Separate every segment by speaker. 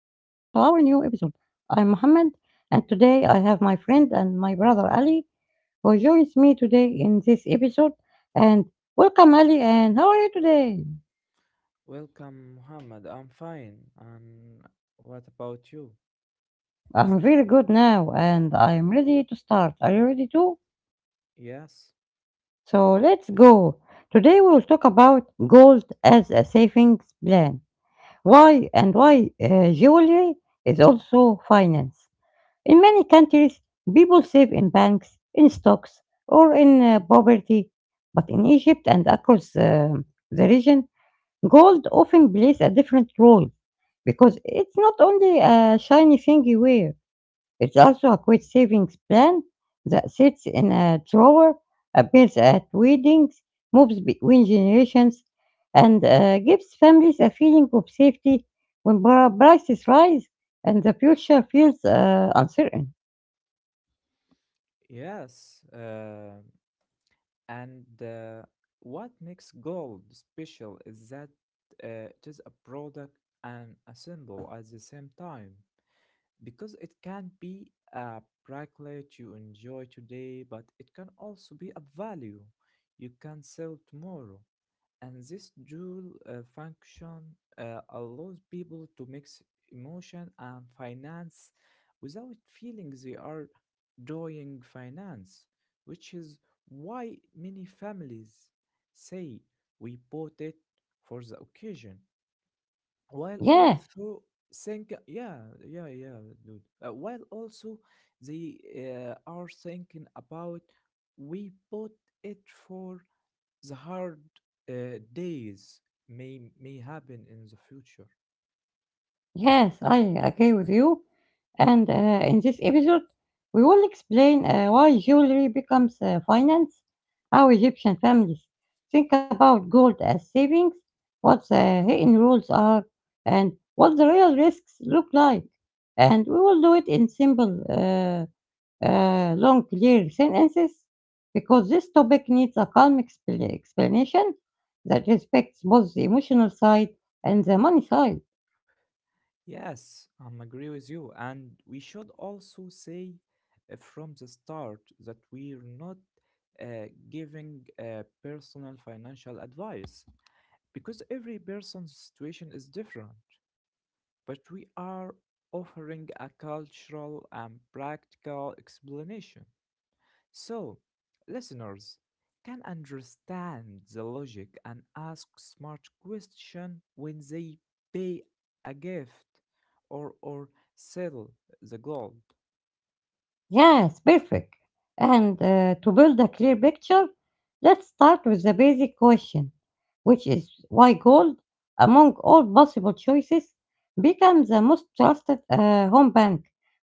Speaker 1: our new episode. I'm Mohammed, and today I have my friend and my brother Ali who joins me today in this episode. And welcome, Ali, and how are you today?
Speaker 2: Welcome, Muhammad. I'm fine. And what about you?
Speaker 1: I'm very good now, and I'm ready to start. Are you ready too?
Speaker 2: Yes,
Speaker 1: So let's go. Today we will talk about gold as a savings plan. Why and why jewelry is also finance. In many countries, people save in banks, in stocks, or in property. But in Egypt and across the region, gold often plays a different role because it's not only a shiny thing you wear, it's also a quick savings plan that sits in a drawer, appears at weddings, moves between generations, and gives families a feeling of safety when prices rise and the future feels uncertain.
Speaker 2: yes. And what makes gold special is that it is a product and a symbol at the same time because it can be a bracelet you enjoy today, but it can also be a value you can sell tomorrow. And this dual function allows people to mix emotion and finance without feeling they are doing finance, which is why many families say we bought it for the occasion, while
Speaker 1: Yeah,
Speaker 2: also think, yeah, yeah, yeah, dude, while also they are thinking about we bought it for the hard days may happen in the future.
Speaker 1: yes, I agree with you. And in this episode, we will explain why jewelry becomes finance, how Egyptian families think about gold as savings, what the hidden rules are, and what the real risks look like. And we will do it in simple, long, clear sentences because this topic needs a calm explanation that respects both the emotional side and the money side.
Speaker 2: Yes, I am agree with you, and we should also say from the start that we're not giving personal financial advice because every person's situation is different. But we are offering a cultural and practical explanation. So, listeners can understand the logic and ask smart question when they pay a gift or sell the gold.
Speaker 1: Yes, perfect. And to build a clear picture, let's start with the basic question, which is why gold, among all possible choices, becomes the most trusted home bank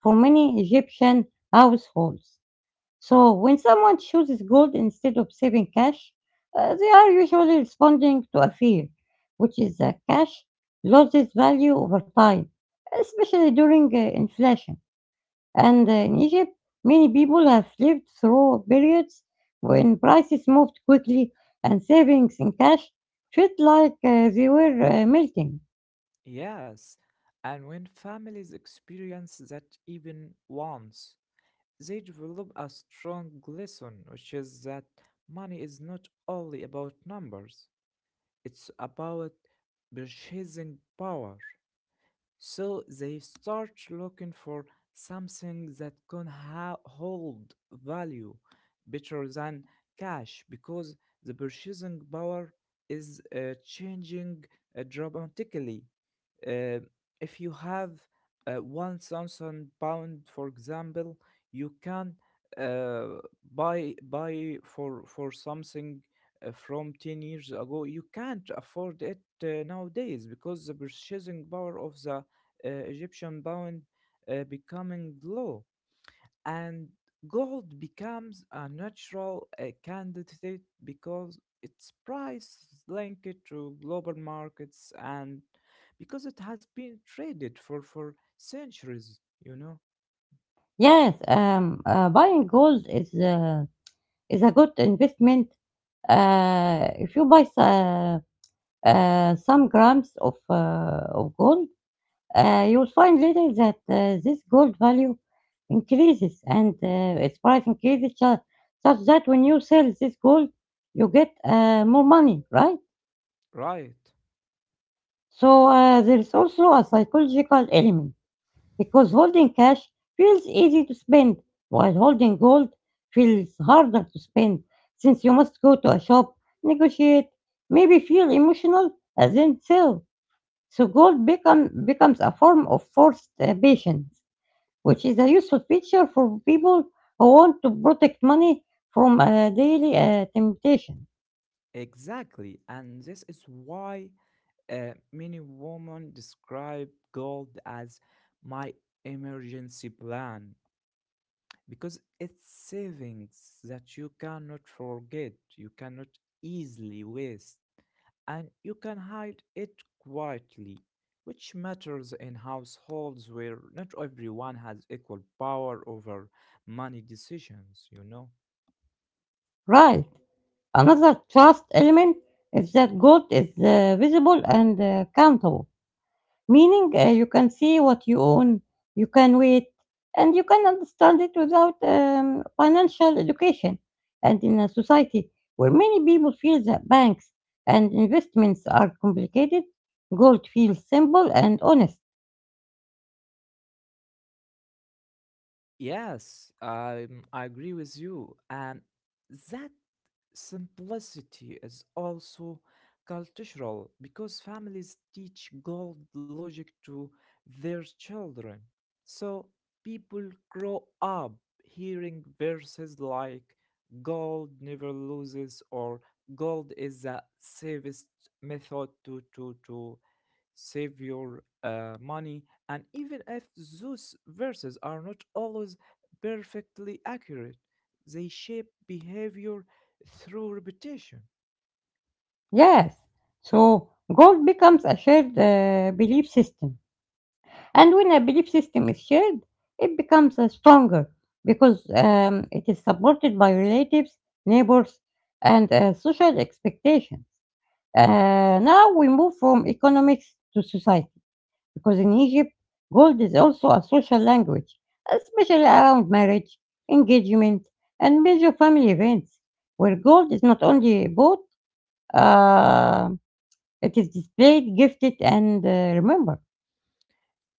Speaker 1: for many Egyptian households. So, when someone chooses gold instead of saving cash, they are usually responding to a fear, which is that cash loses value over time, especially during inflation. And in Egypt, many people have lived through periods when prices moved quickly and savings in cash felt like they were melting.
Speaker 2: Yes, and when families experience that even once, they develop a strong lesson, which is that money is not only about numbers; it's about purchasing power. So they start looking for something that can hold value better than cash because the purchasing power is changing dramatically, uh, if you have 1,000 pound for example, you can uh, buy for something from 10 years ago. You can't afford it nowadays because the purchasing power of the Egyptian pound becoming low, and gold becomes a natural candidate because its price is linked to global markets and because it has been traded for centuries you know
Speaker 1: Yes, Buying gold is a good investment. If you buy some grams of gold, you'll find later that this gold value increases and its price increases such that when you sell this gold, you get more money, right?
Speaker 2: Right,
Speaker 1: So there is also a psychological element because holding cash feels easy to spend while holding gold feels harder to spend since you must go to a shop, negotiate, maybe feel emotional, and then sell. So becomes a form of forced patience, which is a useful feature for people who want to protect money from daily temptation.
Speaker 2: exactly. And this is why many women describe gold as my emergency plan because it's savings that you cannot forget, you cannot easily waste, and you can hide it quietly, which matters in households where not everyone has equal power over money decisions, you know?
Speaker 1: Right. Another trust element is that gold is visible and countable, meaning you can see what you own, you can wait, and you can understand it without financial education. And in a society where many people feel that banks and investments are complicated, gold feels simple and honest.
Speaker 2: Yes, I agree with you, and that simplicity is also cultural because families teach gold logic to their children. So people grow up hearing verses like gold never loses or gold is the safest method to save your money, and even if those verses are not always perfectly accurate, they shape behavior through repetition.
Speaker 1: Yes. So goal becomes a shared belief system. And when a belief system is shared, it becomes stronger because it is supported by relatives, neighbors, and social expectations. Now we move from economics to society because in Egypt, gold is also a social language, especially around marriage, engagement, and major family events, where gold is not only bought. Uh, it is displayed, gifted, and remembered.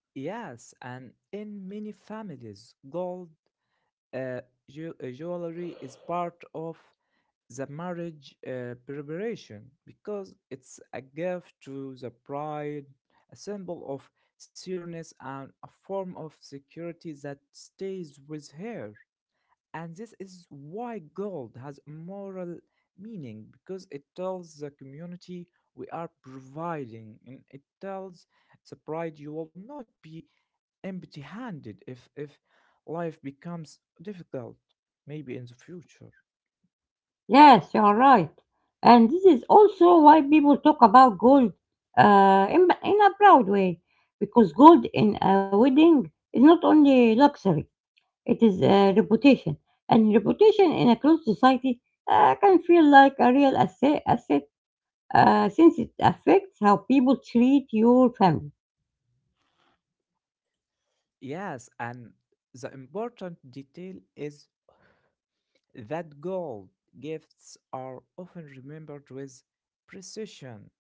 Speaker 2: Yes, and in many families, gold uh, jewelry is part of the marriage preparation because it's a gift to the bride, a symbol of seriousness, and a form of security that stays with her. And this is why gold has a moral meaning, because it tells the community we are providing, and it tells the bride you will not be empty handed if life becomes difficult, maybe in the future.
Speaker 1: Yes, you are right. And this is also why people talk about gold in a proud way, because gold in a wedding is not only luxury, it is a reputation. And reputation in a closed society can feel like a real asset since it affects how people treat your family.
Speaker 2: Yes, and the important detail is that gold gifts are often remembered with precision.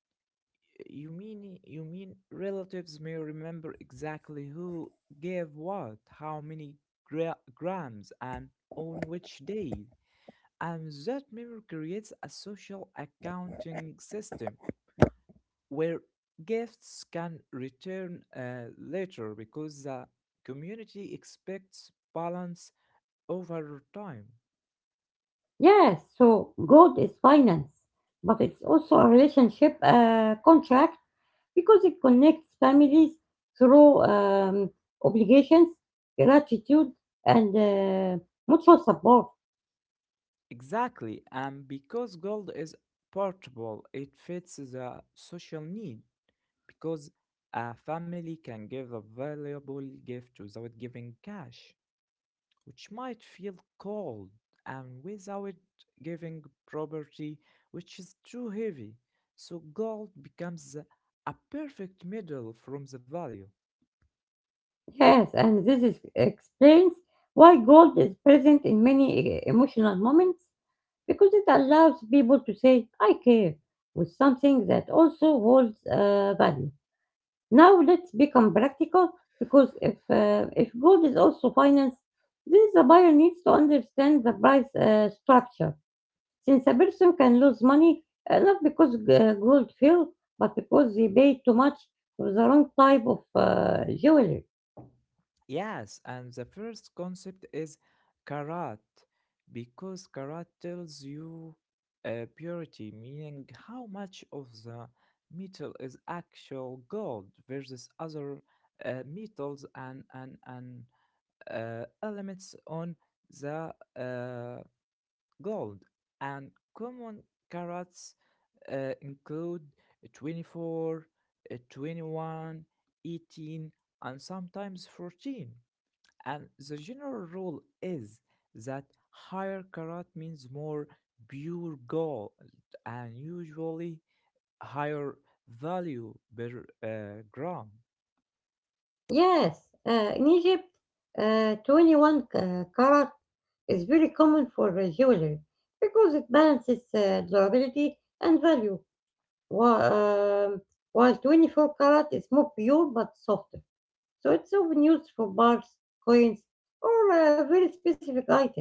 Speaker 2: You mean relatives may remember exactly who gave what, how many grams, and on which day. And that memory creates a social accounting system where gifts can return later because the community expects balance over time.
Speaker 1: Yes, so gold is finance, but it's also a relationship contract because it connects families through obligations, gratitude, and mutual support.
Speaker 2: Exactly, and because gold is portable, it fits the social need, because a family can give a valuable gift without giving cash, which might feel cold, and without giving property, which is too heavy. So gold becomes a perfect middle from the value.
Speaker 1: Yes, and explains why gold is present in many emotional moments because it allows people to say, I care, with something that also holds value. Now let's become practical because if gold is also finance, then the buyer needs to understand the price structure since a person can lose money not because gold fell, but because they paid too much for the wrong type of jewelry.
Speaker 2: Yes, and the first concept is karat, because karat tells you purity, meaning how much of the metal is actual gold versus other metals and elements on the gold. And common carats include 24, 21, 18, and sometimes 14, and the general rule is that higher karat means more pure gold and usually higher value per gram.
Speaker 1: Yes, in Egypt, 21 carat is very common for jewelry because it balances durability and value, while, um, while 24 carat is more pure but softer. So it's often used for bars, coins, or very specific items.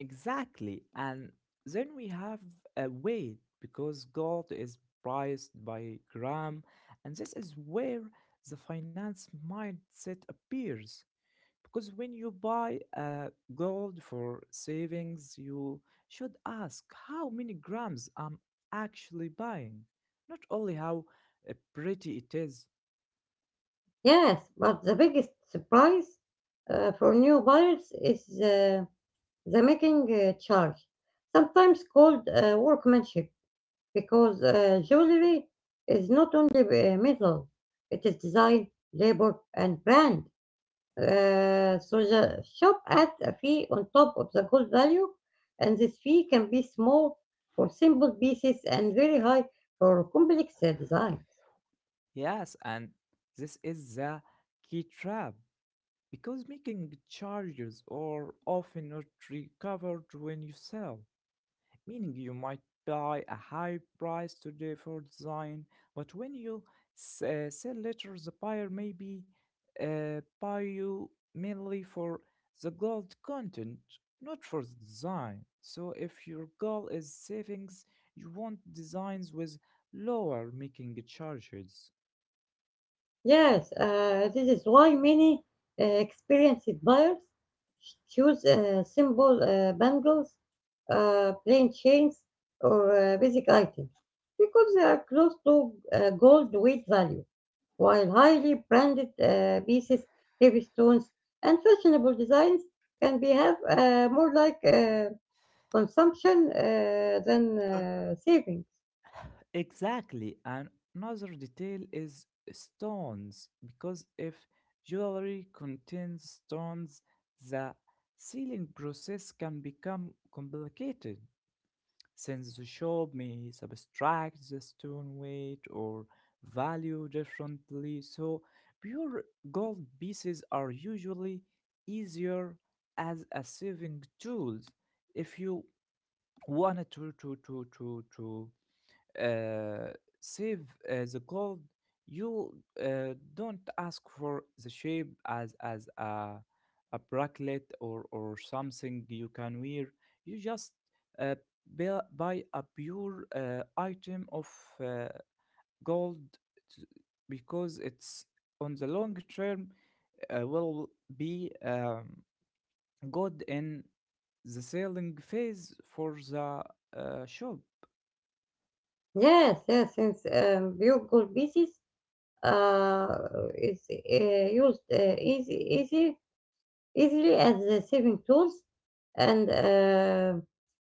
Speaker 2: Exactly. And then we have a weight because gold is priced by gram, and this is where the finance mindset appears, because when you buy gold for savings, you should ask how many grams I'm actually buying, not only how pretty it is.
Speaker 1: Yes, but the biggest surprise for new buyers is the making charge, sometimes called workmanship, because jewelry is not only metal, it is design, labor, and brand. So the shop adds a fee on top of the gold value, and this fee can be small for simple pieces and very high for complex designs.
Speaker 2: Yes, and this is the key trap because making charges are often not recovered when you sell, meaning you might pay a high price today for design, but when you sell later, the buyer maybe buy you mainly for the gold content, not for the design. So if your goal is savings, you want designs with lower making charges.
Speaker 1: Yes, this is why many experienced buyers choose simple bundles, plain chains, or basic items because they are close to gold weight value, while highly branded pieces, heavy stones, and fashionable designs can be have more like consumption than savings.
Speaker 2: Exactly. And another detail is stones, because if jewelry contains stones, the sealing process can become complicated since the shop may subtract the stone weight or value differently. So, pure gold pieces are usually easier as a saving tools, if you wanted to uh, save the gold. You don't ask for the shape as a bracelet or something you can wear. You just uh, buy a pure item of uh, gold, t- because it's on the long term will be good in the selling phase for the shop.
Speaker 1: Yes, yes, since pure gold pieces is easily as a saving tools, and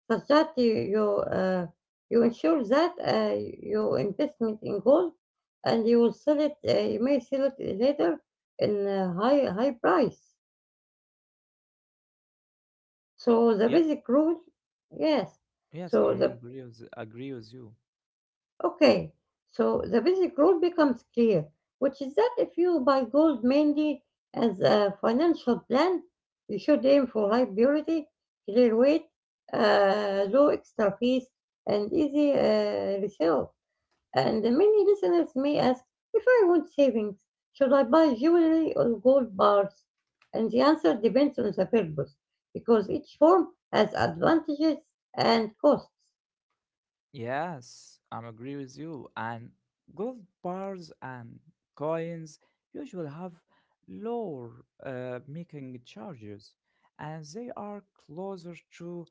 Speaker 1: such that you ensure that your investment in gold, and you will sell it. You may sell it later in a high price. So the
Speaker 2: Yeah.
Speaker 1: basic rule, yes.
Speaker 2: Yes,
Speaker 1: So
Speaker 2: I'm
Speaker 1: the
Speaker 2: agree with you.
Speaker 1: Okay, so the basic rule becomes clear, which is that if you buy gold mainly as a financial plan, you should aim for high purity, clear weight, low extra fees, and easy resale. And many listeners may ask, if I want savings, should I buy jewelry or gold bars? And the answer depends on the purpose, because each form has advantages and costs.
Speaker 2: Yes, I'm agree with you. And gold bars and coins usually have lower making charges, and they are closer to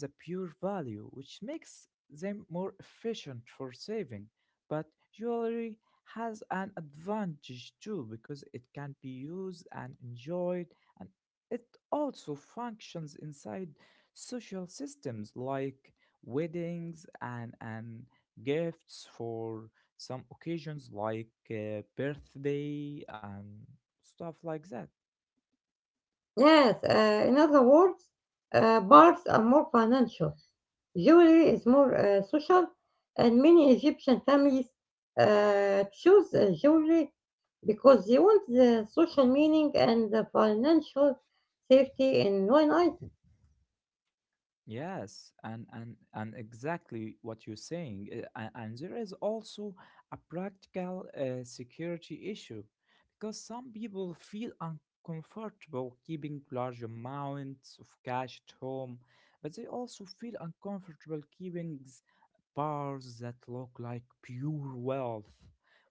Speaker 2: the pure value, which makes them more efficient for saving. But jewelry has an advantage too because it can be used and enjoyed, and it also functions inside social systems like weddings, and gifts for some occasions like birthday and stuff like that.
Speaker 1: Yes, in other words, bars are more financial, jewelry is more social, and many Egyptian families choose jewelry because they want the social meaning and the financial safety in one item.
Speaker 2: Yes, and exactly what you're saying. And there is also a practical security issue because some people feel uncomfortable keeping large amounts of cash at home, but they also feel uncomfortable keeping bars that look like pure wealth,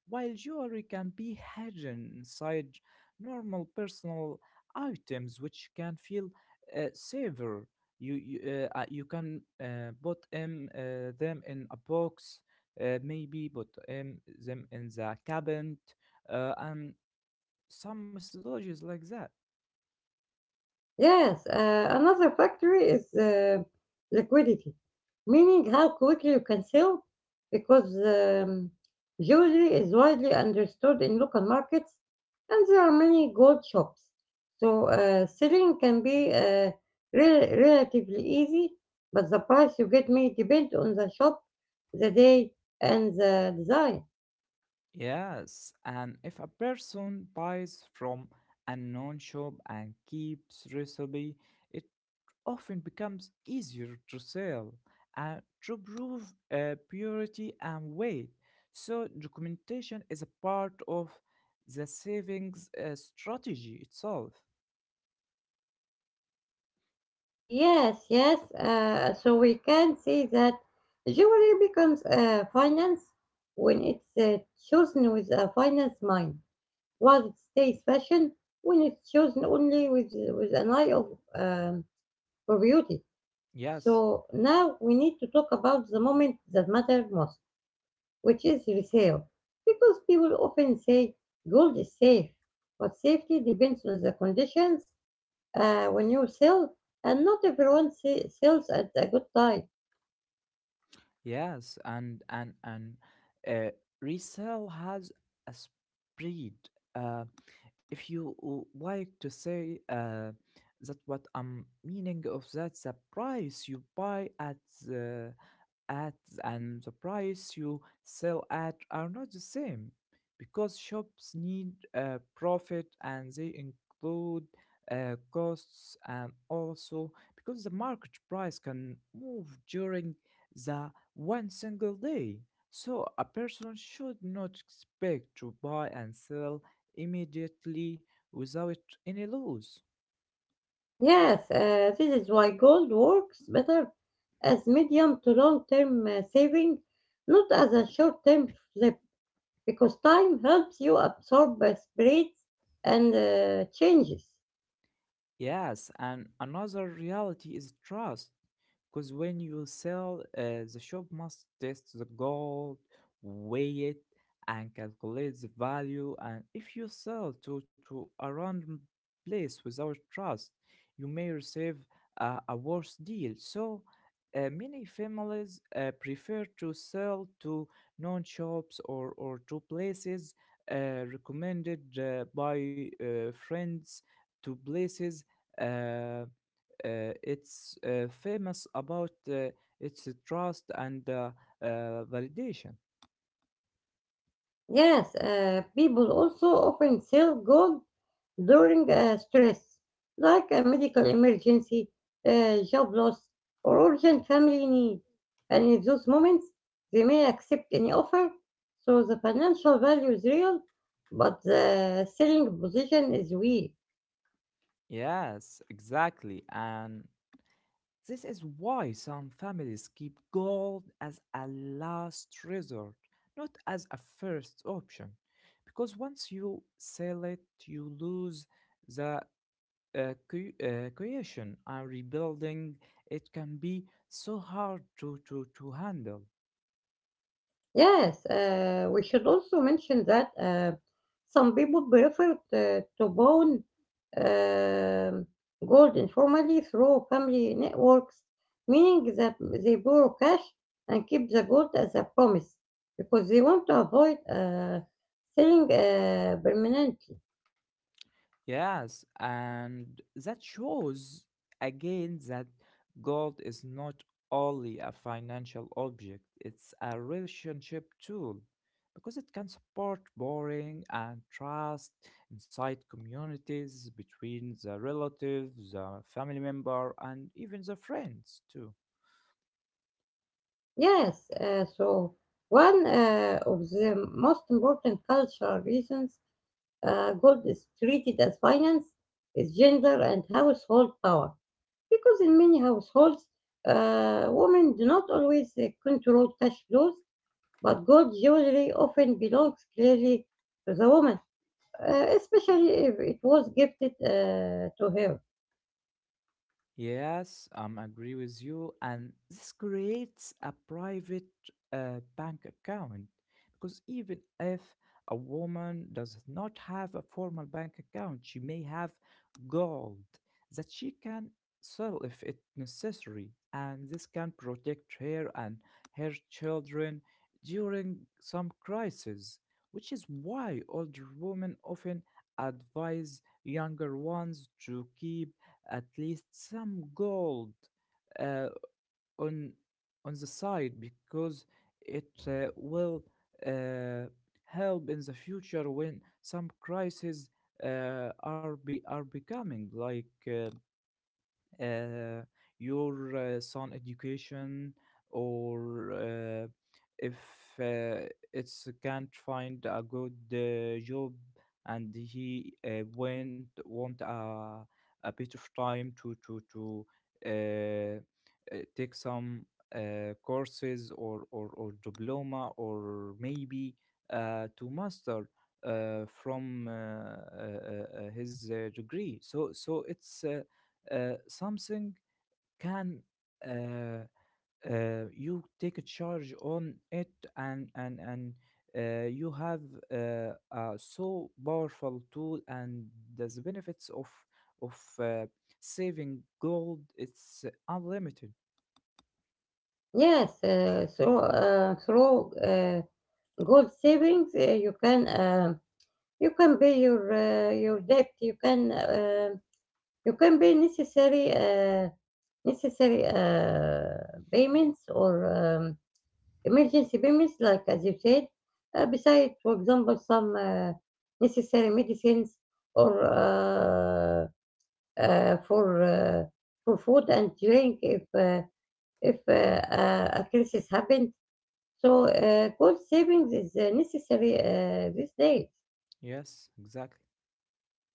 Speaker 2: while jewelry can be hidden inside normal personal items, which can feel safer. You you, you can put them in a box, maybe put them in the cabinet, and some methodologies like that.
Speaker 1: Yes, another factor is liquidity, meaning how quickly you can sell, because jewelry is widely understood in local markets, and there are many gold shops. So selling can be relatively easy, but the price you get may depend on the shop, the day, and the design.
Speaker 2: Yes, and if a person buys from a non shop and keeps recipe, it often becomes easier to sell and to prove purity and weight. So, documentation is a part of the savings strategy itself.
Speaker 1: Yes, yes. So we can see that jewelry becomes finance when it's chosen with a finance mind, while it stays fashion when it's chosen only with an eye of um, for beauty. So
Speaker 2: Yes,
Speaker 1: now we need to talk about the moment that matters most, which is resale, because people often say gold is safe, but safety depends on the conditions when you sell, and not everyone sells at a good time.
Speaker 2: yes, and uh, resale has a spread. Uh, if you like to say that what I'm meaning of, that the price you buy at the at and the price you sell at are not the same, because shops need profit and they include costs, and also because the market price can move during the one single day. So a person should not expect to buy and sell immediately without any loss.
Speaker 1: Yes, this is why gold works better as medium to long term saving, not as a short term flip, because time helps you absorb spreads and changes.
Speaker 2: Yes, and another reality is trust, because when you sell, the shop must test the gold, weigh it, and calculate the value. And if you sell to a random place without trust, you may receive a worse deal. So, many families prefer to sell to known shops, or to places recommended by friends, to places uh, it's famous about its trust and validation.
Speaker 1: Yes, people also often sell gold during stress, like a medical emergency, job loss, or urgent family need. And in those moments, they may accept any offer, so the financial value is real, but the selling position is weak.
Speaker 2: Yes, exactly. And this is why some families keep gold as a last resort, not as a first option, because once you sell it, you lose the creation, and rebuilding it can be so hard to handle.
Speaker 1: Yes, we should also mention that some people prefer to bond um, gold informally through family networks, meaning that they borrow cash and keep the gold as a promise because they want to avoid selling permanently.
Speaker 2: Yes, and that shows again that gold is not only a financial object, it's a relationship tool because it can support borrowing and trust inside communities, between the relatives, the family member, and even the friends too.
Speaker 1: Yes, So one of the most important cultural reasons gold is treated as finance is gender and household power. Because in many households, women do not always control cash flows, but gold jewelry often belongs clearly to the woman, especially if it was gifted to her.
Speaker 2: Yes, I'm agree with you, and this creates a private bank account, because even if a woman does not have a formal bank account, she may have gold that she can sell if it necessary, and this can protect her and her children during some crisis, which is why older women often advise younger ones to keep at least some gold uh, on on the side, because it will uh, help in the future when some crises are becoming, like, uh, your son education, or if uh, it's can't find a good job and he went want a, bit of time to take some courses, or diploma, or maybe to master from his degree. So it's something, can uh, you take a charge on it, and you have a so powerful tool, and the benefits of saving gold, it's unlimited.
Speaker 1: Yes, through gold savings, you can pay your debt. You can pay necessary payments or emergency payments, like as you said, besides, for example, some necessary medicines or uh, for uh, for food and drink if a crisis happened. So gold savings is necessary these days,
Speaker 2: Yes, exactly.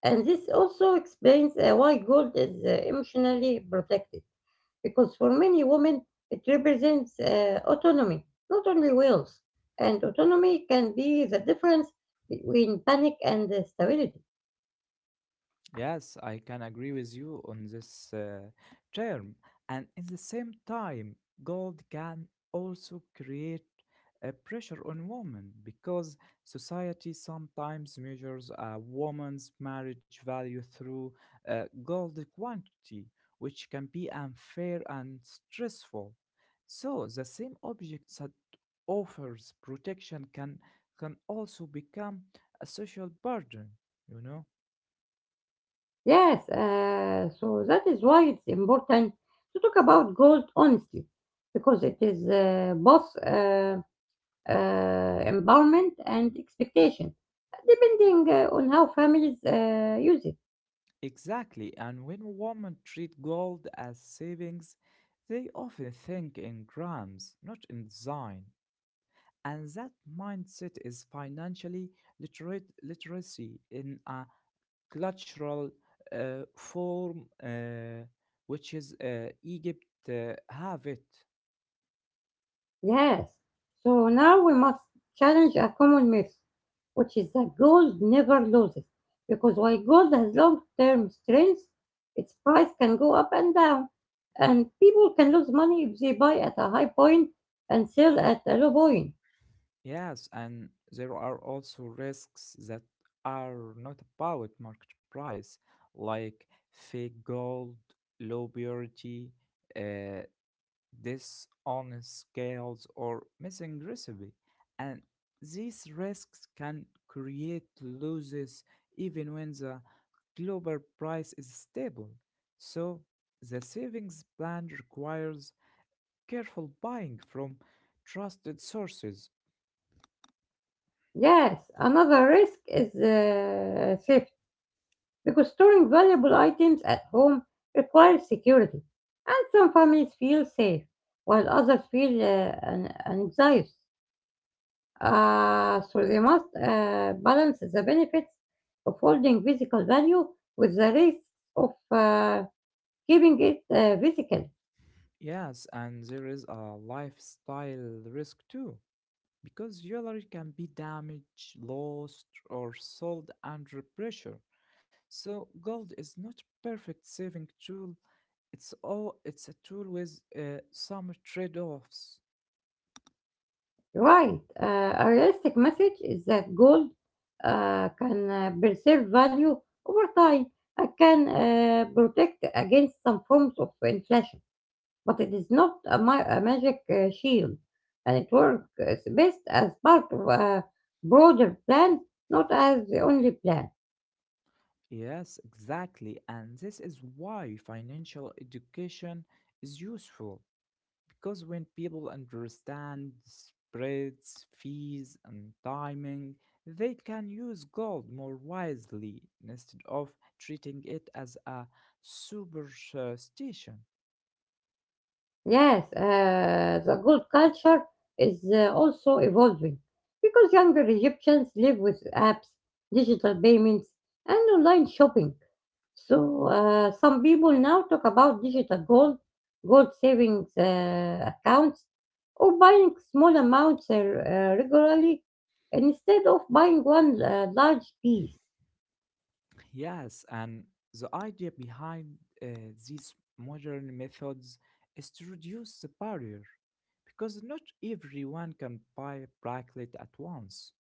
Speaker 1: and this also explains why gold is emotionally protected, because for many women it represents autonomy, not only wills. And autonomy can be the difference between panic and stability.
Speaker 2: Yes, I can agree with you on this term. And at the same time, gold can also create a pressure on women because society sometimes measures a woman's marriage value through gold quantity, which can be unfair and stressful. So, the same object that offers protection can also become a social burden, you know?
Speaker 1: Yes, so that is why it's important to talk about goals honestly, because it is both empowerment and expectation, depending on how families use it.
Speaker 2: Exactly, and when women treat gold as savings, they often think in grams, not in design. And that mindset is financially literate literacy in a cultural form, which is Egypt have it.
Speaker 1: Yes. So now we must challenge a common myth, which is that gold never loses. Because while gold has long term strength, its price can go up and down. And people can lose money if they buy at a high point and sell at a low point.
Speaker 2: Yes, and there are also risks that are not about market price, like fake gold, low purity, uh, dishonest scales, or missing recipe. And these risks can create losses even when the global price is stable. So the savings plan requires careful buying from trusted sources.
Speaker 1: Yes, another risk is theft because storing valuable items at home requires security, and some families feel safe while others feel anxious. So they must balance the benefits of holding physical value with the risks of keeping it physical.
Speaker 2: Yes, and there is a lifestyle risk too, because jewelry can be damaged, lost, or sold under pressure. So gold is not perfect saving tool. It's a tool with some trade-offs.
Speaker 1: Right. A realistic message is that gold can preserve value over time and can protect against some forms of inflation, but it is not a magic shield, and it works best as part of a broader plan, not as the only plan.
Speaker 2: Yes, exactly, and this is why financial education is useful. Because when people understand spreads, fees, and timing, they can use gold more wisely instead of treating it as a superstition.
Speaker 1: Yes, the gold culture is also evolving because younger Egyptians live with apps, digital payments, and online shopping. So some people now talk about digital gold, gold savings accounts, or buying small amounts regularly instead of buying one large piece.
Speaker 2: Yes, and the idea behind uh, these modern methods is to reduce the barrier because not everyone can buy a bracelet at once,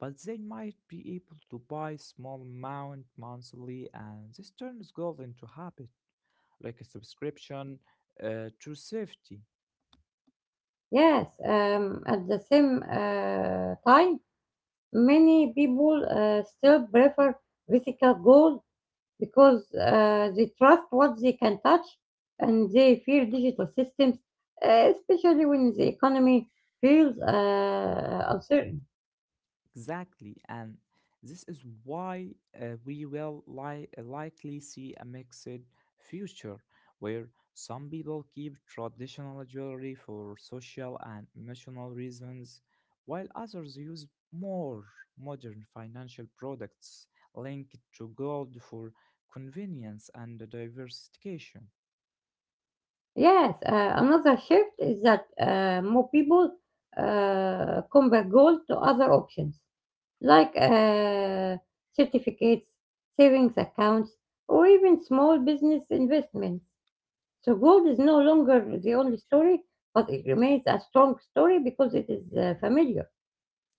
Speaker 2: but they might be able to buy small amount monthly, and this turns gold into habit, like a subscription to safety.
Speaker 1: Yes, at the same time, many people still prefer physical goals because they trust what they can touch and they fear digital systems, especially when the economy feels uncertain.
Speaker 2: Exactly, and this is why we will li- likely see a mixed future where some people keep traditional jewelry for social and emotional reasons, while others use more modern financial products linked to gold for convenience and diversification.
Speaker 1: Yes, another shift is that more people compare goals to other options like certificates, savings accounts, or even small business investments. So gold is no longer the only story, but it remains a strong story because it is familiar.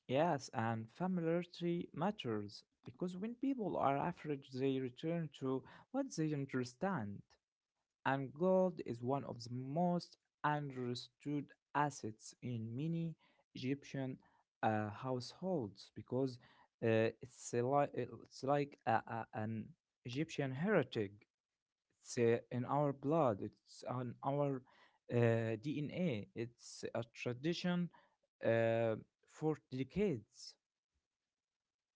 Speaker 2: Yes, and familiarity matters because when people are average, they return to what they understand. And gold is one of the most understood assets in many Egyptian households because it's a it's like an Egyptian heritage. It's in our blood. It's on our uh, DNA. It's a tradition uh, for decades.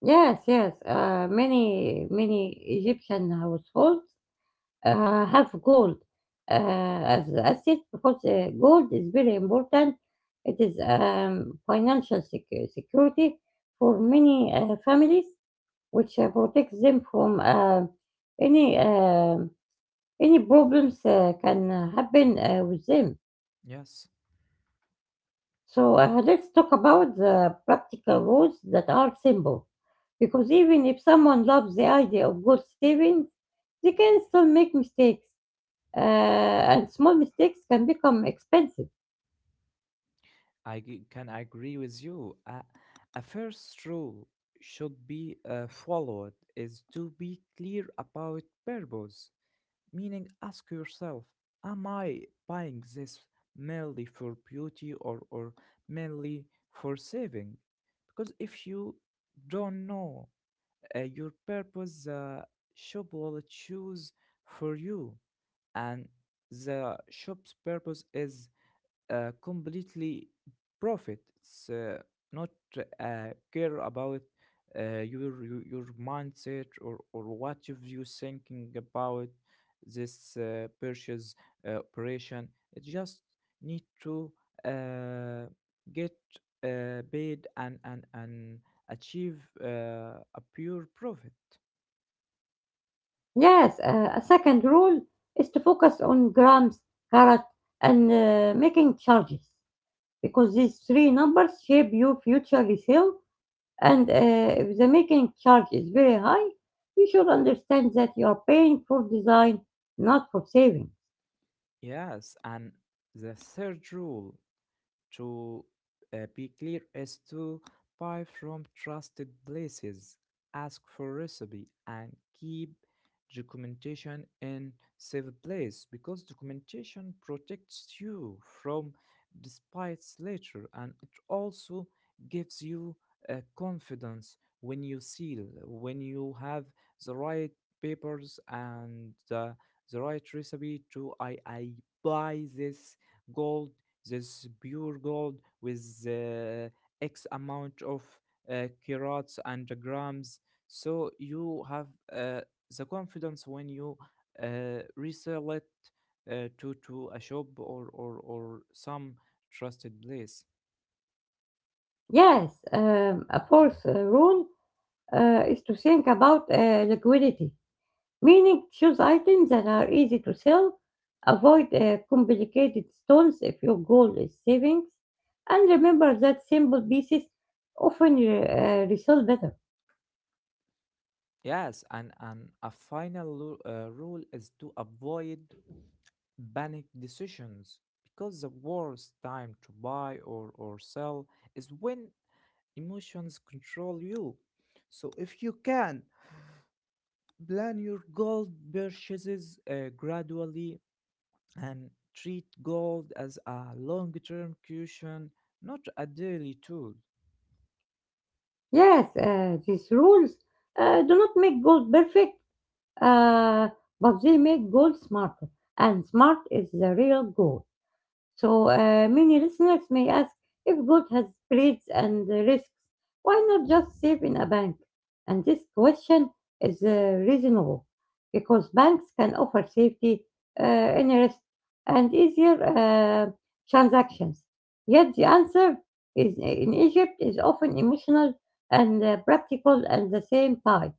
Speaker 1: Yes, yes. Many, many Egyptian households have gold as asset because gold is very important. It is financial security for many families, which protects them from any uh, any problems can happen with them.
Speaker 2: Yes.
Speaker 1: So let's talk about the practical rules that are simple. Because even if someone loves the idea of goal savings, they can still make mistakes. And small mistakes can become expensive.
Speaker 2: Can agree with you. A first rule should be followed is to be clear about purpose, meaning ask yourself, am I buying this merely for beauty, or merely for saving? Because if you don't know your purpose, the shop will choose for you, and the shop's purpose is completely profit. It's not care about uh, your mindset or what you thinking about this purchase operation. It just need to uh, get paid and and achieve a pure profit.
Speaker 1: Yes, a second rule is to focus on grams, carat, and making charges. Because these three numbers shape your future resale and if the making charge is very high, you should understand that you are paying for design, not for saving.
Speaker 2: Yes, and the third rule. To be clear, is to buy from trusted places, ask for recipe, and keep documentation in safe place, because documentation protects you from despites later, and it also gives you confidence when you seal when you have the right papers and the right recipe to I buy this gold, this pure gold with X amount of carats and grams. So you have the confidence when you resell it to a shop or or some trusted place.
Speaker 1: Yes, a fourth rule is to think about liquidity, meaning choose items that are easy to sell, avoid complicated stones if your goal is savings, and remember that simple pieces often resell better.
Speaker 2: Yes, and a final rule is to avoid panic decisions because the worst time to buy or sell is when emotions control you. So if you can plan your gold purchases gradually and treat gold as a long-term cushion, not a daily tool.
Speaker 1: Yes, these rules do not make gold perfect, Uh, but they make goal smarter, and smart is the real goal. So many listeners may ask if gold has spreads and risks, why not just save in a bank? And this question is reasonable because banks can offer safety, interest, and easier transactions. Yet the answer is in Egypt is often emotional and practical at the same time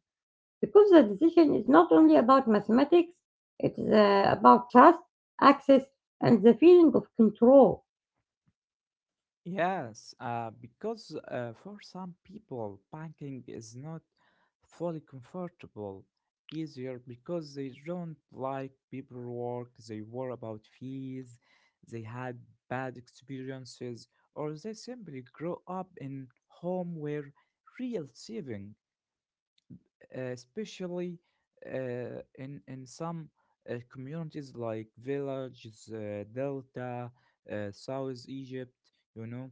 Speaker 1: because the decision is not only about mathematics, it is about trust, access, and the feeling of control.
Speaker 2: Yes, because for some people, banking is not fully comfortable, easier because they don't like paperwork, they worry about fees, they had bad experiences, or they simply grow up in home where real saving, especially in some communities like villages, Delta, South Egypt, you know,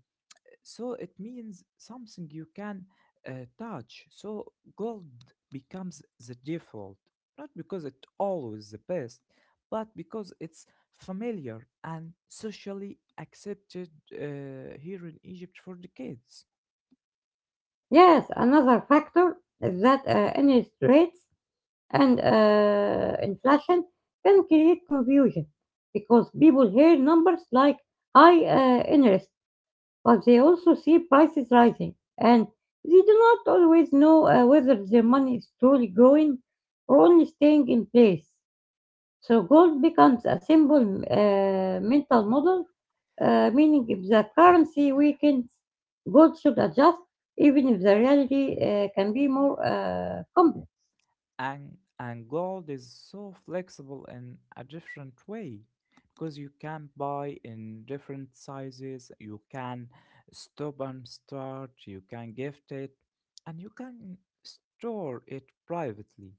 Speaker 2: so it means something you can touch. So gold becomes the default, not because it's always the best, but because it's familiar and socially accepted here in Egypt for decades.
Speaker 1: Yes, another factor is that interest rates and inflation can create confusion because people hear numbers like high interest, but they also see prices rising and they do not always know whether their money is truly growing or only staying in place. So gold becomes a simple mental model, meaning if the currency weakens, gold should adjust, even if the reality can be more complex.
Speaker 2: And gold is so flexible in a different way, because you can buy in different sizes, you can stop and start, you can gift it, and you can store it privately,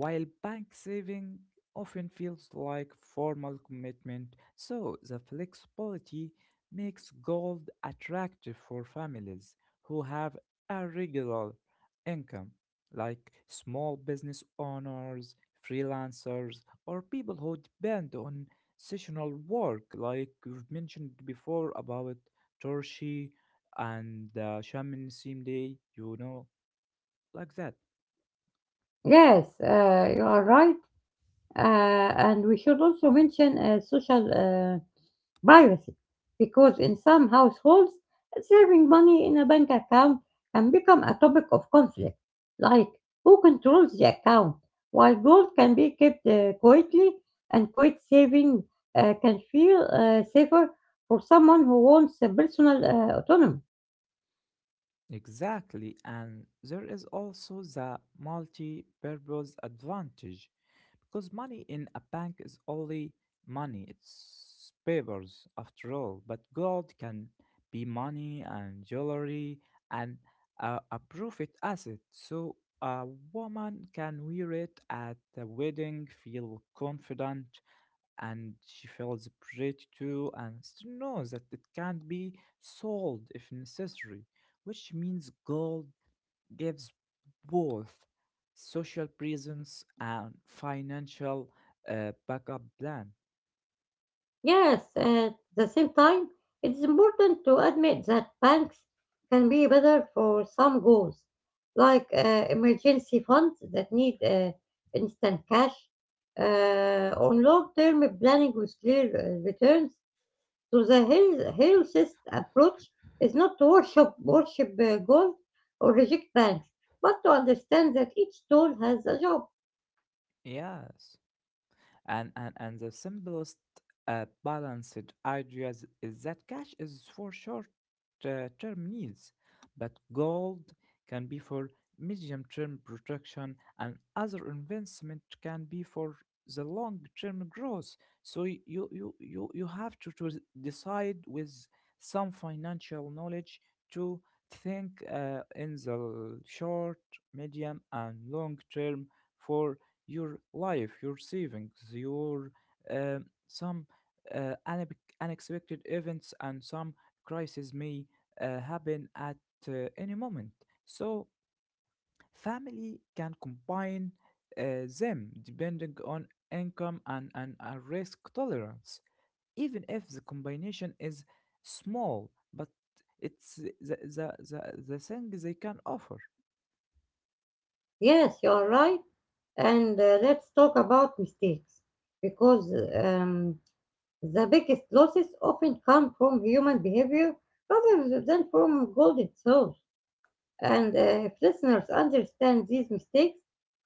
Speaker 2: while bank saving often feels like formal commitment. So the flexibility makes gold attractive for families who have a regular income, like small business owners, freelancers, or people who depend on seasonal work, like we've mentioned before about Torshi and Shaman Day, you know, like that.
Speaker 1: Yes, you are right. And we should also mention social privacy, because in some households, saving money in a bank account can become a topic of conflict, like who controls the account, while gold can be kept quietly, and quiet saving can feel safer for someone who wants personal autonomy.
Speaker 2: Exactly, and there is also the multi-purpose advantage, because money in a bank is only money, it's papers after all, but gold can be money and jewelry and a profit asset. So a woman can wear it at a wedding, feel confident, and she feels pretty too, and still knows that it can't be sold if necessary, which means gold gives both social presence and financial backup plan.
Speaker 1: Yes, at the same time, it is important to admit that banks can be better for some goals, like emergency funds that need instant cash, on long term planning with clear returns. So, the healthiest approach is not to worship gold or reject banks, but to understand that each tool has a job.
Speaker 2: Yes. And the simplest balanced ideas is that cash is for short term needs, but gold can be for medium term protection, and other investment can be for the long term growth. So you have to decide with some financial knowledge to think in the short, medium, and long term for your life, your savings, your uh, some unexpected events and some crises may happen at any moment. So family can combine them depending on income and a risk tolerance, even if the combination is small, but it's the thing they can offer.
Speaker 1: Yes, you are right. And let's talk about mistakes because the biggest losses often come from human behavior rather than from gold itself. And if listeners understand these mistakes,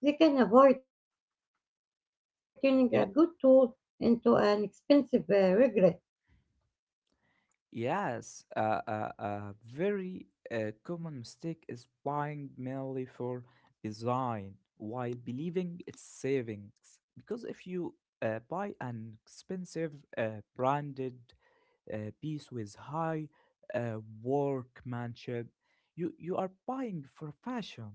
Speaker 1: they can avoid turning a good tool into an expensive regret.
Speaker 2: Yes, a very common mistake is buying merely for design while believing it's savings. Because if you buy an expensive branded piece with high workmanship, you are buying for fashion,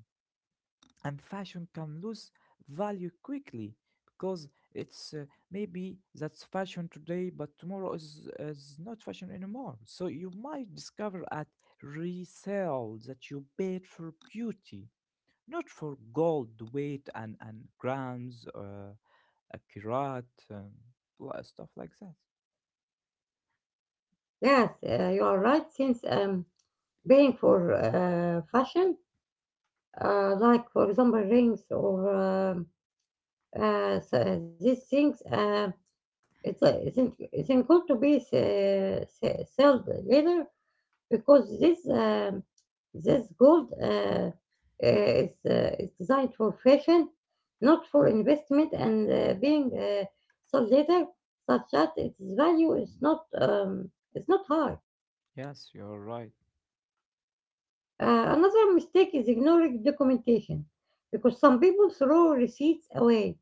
Speaker 2: and fashion can lose value quickly, because it's maybe that's fashion today, but tomorrow is not fashion anymore, so you might discover at resale that you paid for beauty, not for gold weight and grams, a carat, stuff like that.
Speaker 1: Yes, you are right. Since paying for fashion, like for example rings or these things. It's a it's in good to be sold later because this gold is designed for fashion, not for investment and being sold later, such that its value is not high.
Speaker 2: Yes, you're right.
Speaker 1: Another mistake is ignoring documentation because some people throw receipts away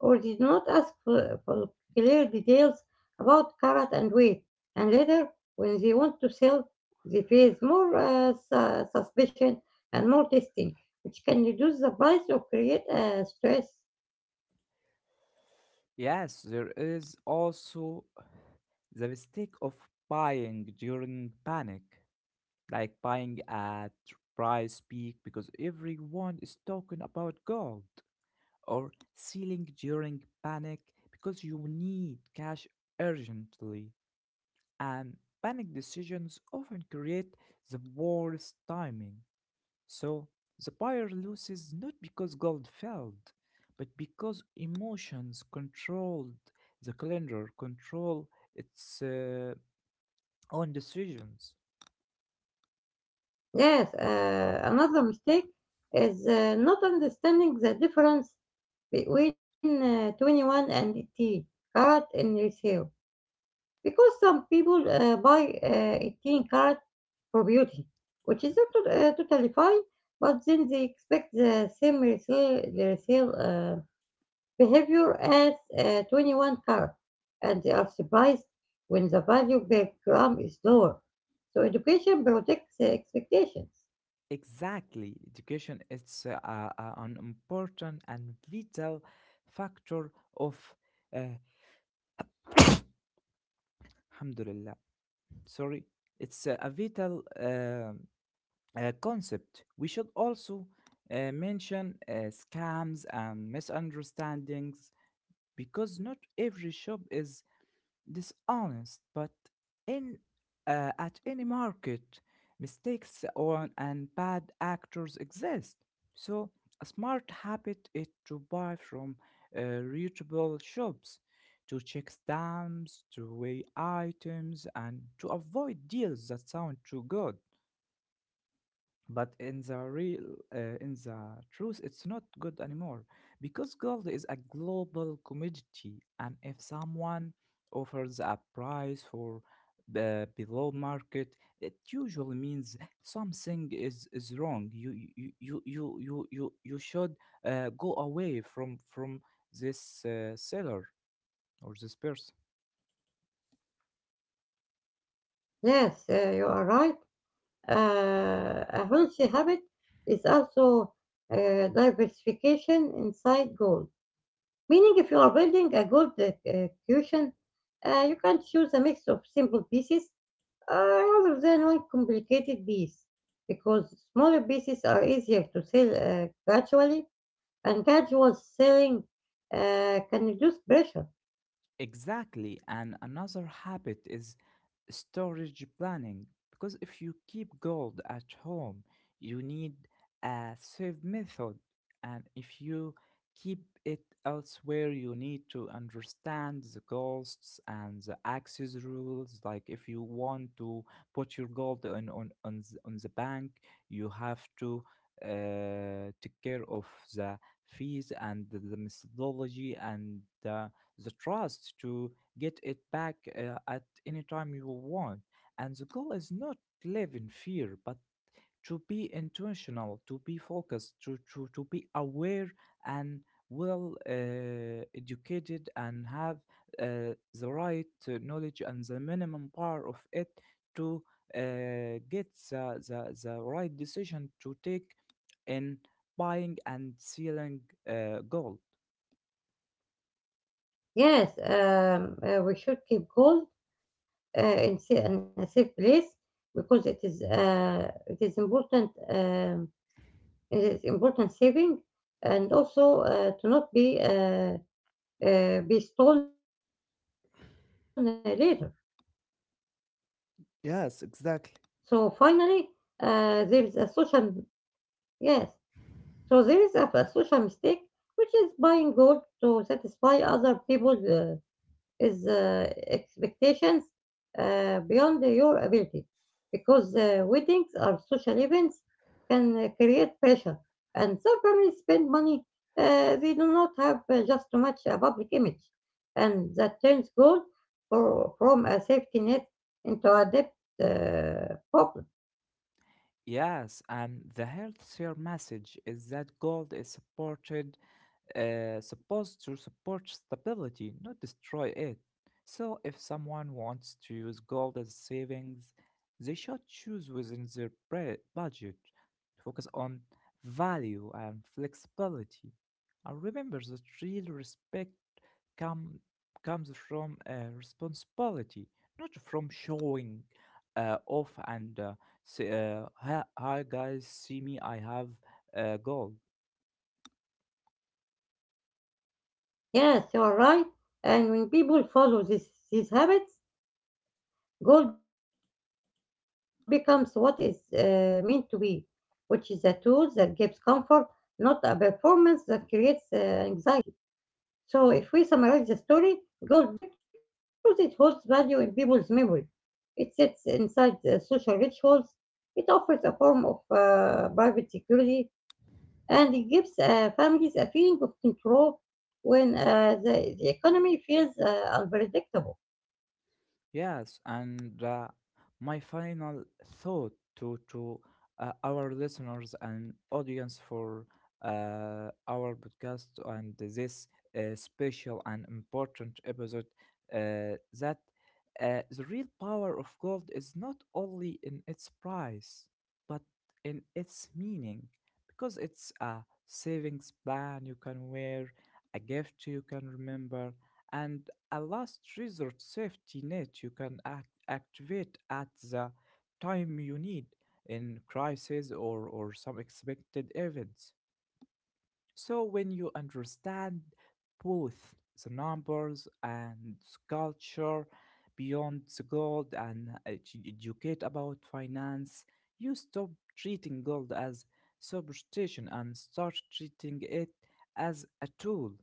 Speaker 1: or did not ask for clear details about carrot and weight, and later, when they want to sell, they face more suspicion and more testing, which can reduce the price or create stress.
Speaker 2: Yes, there is also the mistake of buying during panic, like buying at price peak because everyone is talking about gold, or selling during panic because you need cash urgently. And panic decisions often create the worst timing. So the buyer loses not because gold failed, but because emotions controlled the calendar, control its own decisions.
Speaker 1: Yes, another mistake is not understanding the difference between 21 and 18 carrot in resale. Because some people buy a teen card for beauty, which is not totally fine, but then they expect the same resale behavior as a 21 card, and they are surprised when the value per gram is lower. So education protects the expectations.
Speaker 2: Exactly. Education is an important and vital factor of uh, alhamdulillah. Sorry. It's a vital concept. We should also mention scams and misunderstandings, because not every shop is dishonest, but in at any market, mistakes on and bad actors exist. So a smart habit is to buy from reachable shops, to check stamps, to weigh items, and to avoid deals that sound too good, but in the real in the truth it's not good anymore, because gold is a global commodity, and if someone offers a price for the below market it usually means something is wrong. You should go away from this seller or this person.
Speaker 1: Yes, you are right. A healthy habit is also diversification inside goals. Meaning, if you are building a gold cushion, you can choose a mix of simple pieces uh, rather than one complicated piece because smaller pieces are easier to sell gradually and gradual selling can reduce pressure.
Speaker 2: Exactly, and another habit is storage planning, because if you keep gold at home you need a safe method, and if you keep it elsewhere you need to understand the costs and the access rules. Like if you want to put your gold on on the bank, you have to take care of the fees and the methodology and uh, the trust to get it back uh, anytime you want. And the goal is not live in fear, but to be intentional, to be focused, to be aware and well educated, and have the right knowledge and the minimum power of it to get the right decision to take in buying and selling gold.
Speaker 1: Yes, we should keep gold in a safe place because it is important saving and also to not be be stolen later. So
Speaker 2: Yes,
Speaker 1: finally,
Speaker 2: exactly.
Speaker 1: there is a social yes. So there is a social mistake, which is buying gold to satisfy other people's. Is Expectations beyond your ability because weddings are social events can create pressure and some families spend money they do not have just to match a public image and that turns gold from a safety net into a debt box.
Speaker 2: Yes, and the healthcare message is that gold is supported supposed to support stability, not destroy it. So, if someone wants to use gold as savings, they should choose within their budget, focus on value and flexibility. And remember that real respect come, comes from responsibility, not from showing off, and say, hi guys, see me, I have gold.
Speaker 1: Yes, you are right. And when people follow these habits, goal becomes what it's meant to be, which is a tool that gives comfort, not a performance that creates anxiety. So, if we summarize the story, gold becomes finance in Egypt because it holds value in people's memory. It sits inside the social rituals. It offers a form of private security and it gives families a feeling of control when the economy feels unpredictable.
Speaker 2: Yes, and my final thought to our listeners and audience for our podcast and this special and important episode that the real power of gold is not only in its price, but in its meaning, because it's a savings plan you can wear, a gift you can remember, and a last resort safety net you can activate at the time you need, in crisis or some expected events. So, when you understand both the numbers and the culture beyond the gold, and educate about finance, you stop treating gold as superstition and start treating it as a tool,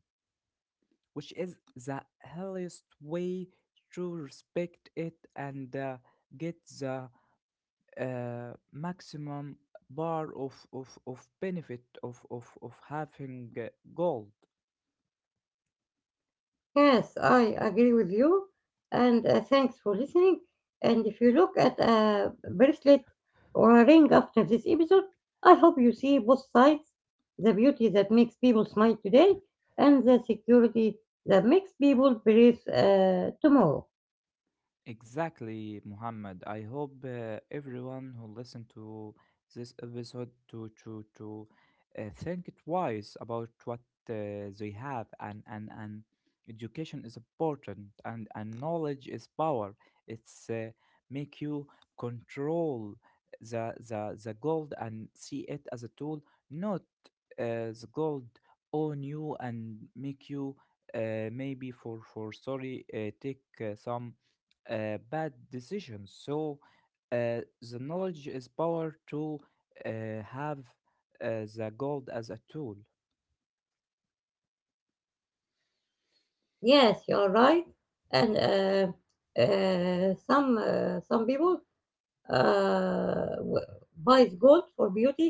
Speaker 2: which is the earliest way to respect it and get the maximum bar of benefit of having gold.
Speaker 1: Yes, I agree with you, and thanks for listening. And if you look at a bracelet or a ring after this episode, I hope you see both sides, the beauty that makes people smile today and the security that makes people breathe tomorrow.
Speaker 2: Exactly, Muhammad. I hope everyone who listened to this episode to think twice about what they have, and and education is important, and knowledge is power. It's make you control the gold and see it as a tool, not the gold own you and make you maybe for sorry take some bad decisions. So the knowledge is power to uh, have the gold as a tool.
Speaker 1: Yes, you are right. And some people uh, w- buys gold for beauty, for fashion,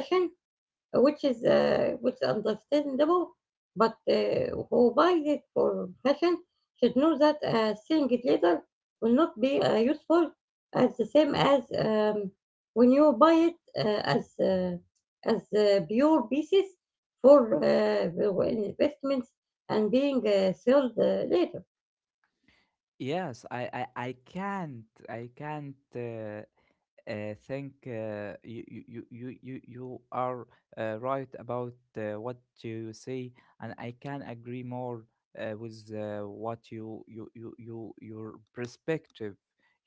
Speaker 1: which is understandable, but who buys it for fashion should know that selling it later will not be useful as the same as when you buy it uh, as uh, as pure pieces for investments and being sold later.
Speaker 2: Yes, I can't think you are right about what you say, and I can agree more with what your perspective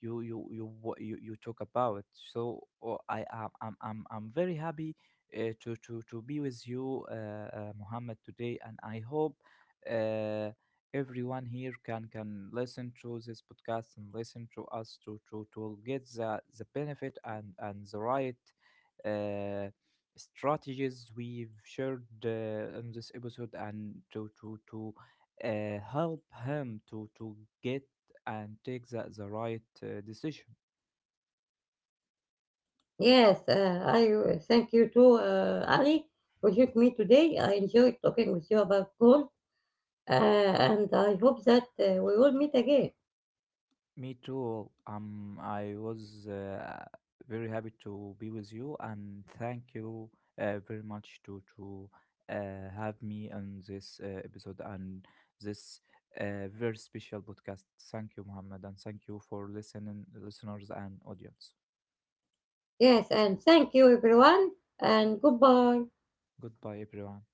Speaker 2: you you you what you talk about. So oh, I am I'm very happy to be with you, Muhammad, today, and I hope. Uh, Everyone here can listen to this podcast and listen to us to get the benefit and the right uh, strategies we've shared in this episode, and to help him to get and take the right decision.
Speaker 1: Yes, I thank you too, Ali, for joining me today. I enjoyed talking with you about gold. And I hope that we will meet again.
Speaker 2: Me too. I was very happy to be with you, and thank you very much to have me on this episode and this very special podcast. Thank you, Muhammad, and thank you for listening, listeners and audience.
Speaker 1: Yes, and thank you everyone, and goodbye.
Speaker 2: Goodbye, everyone.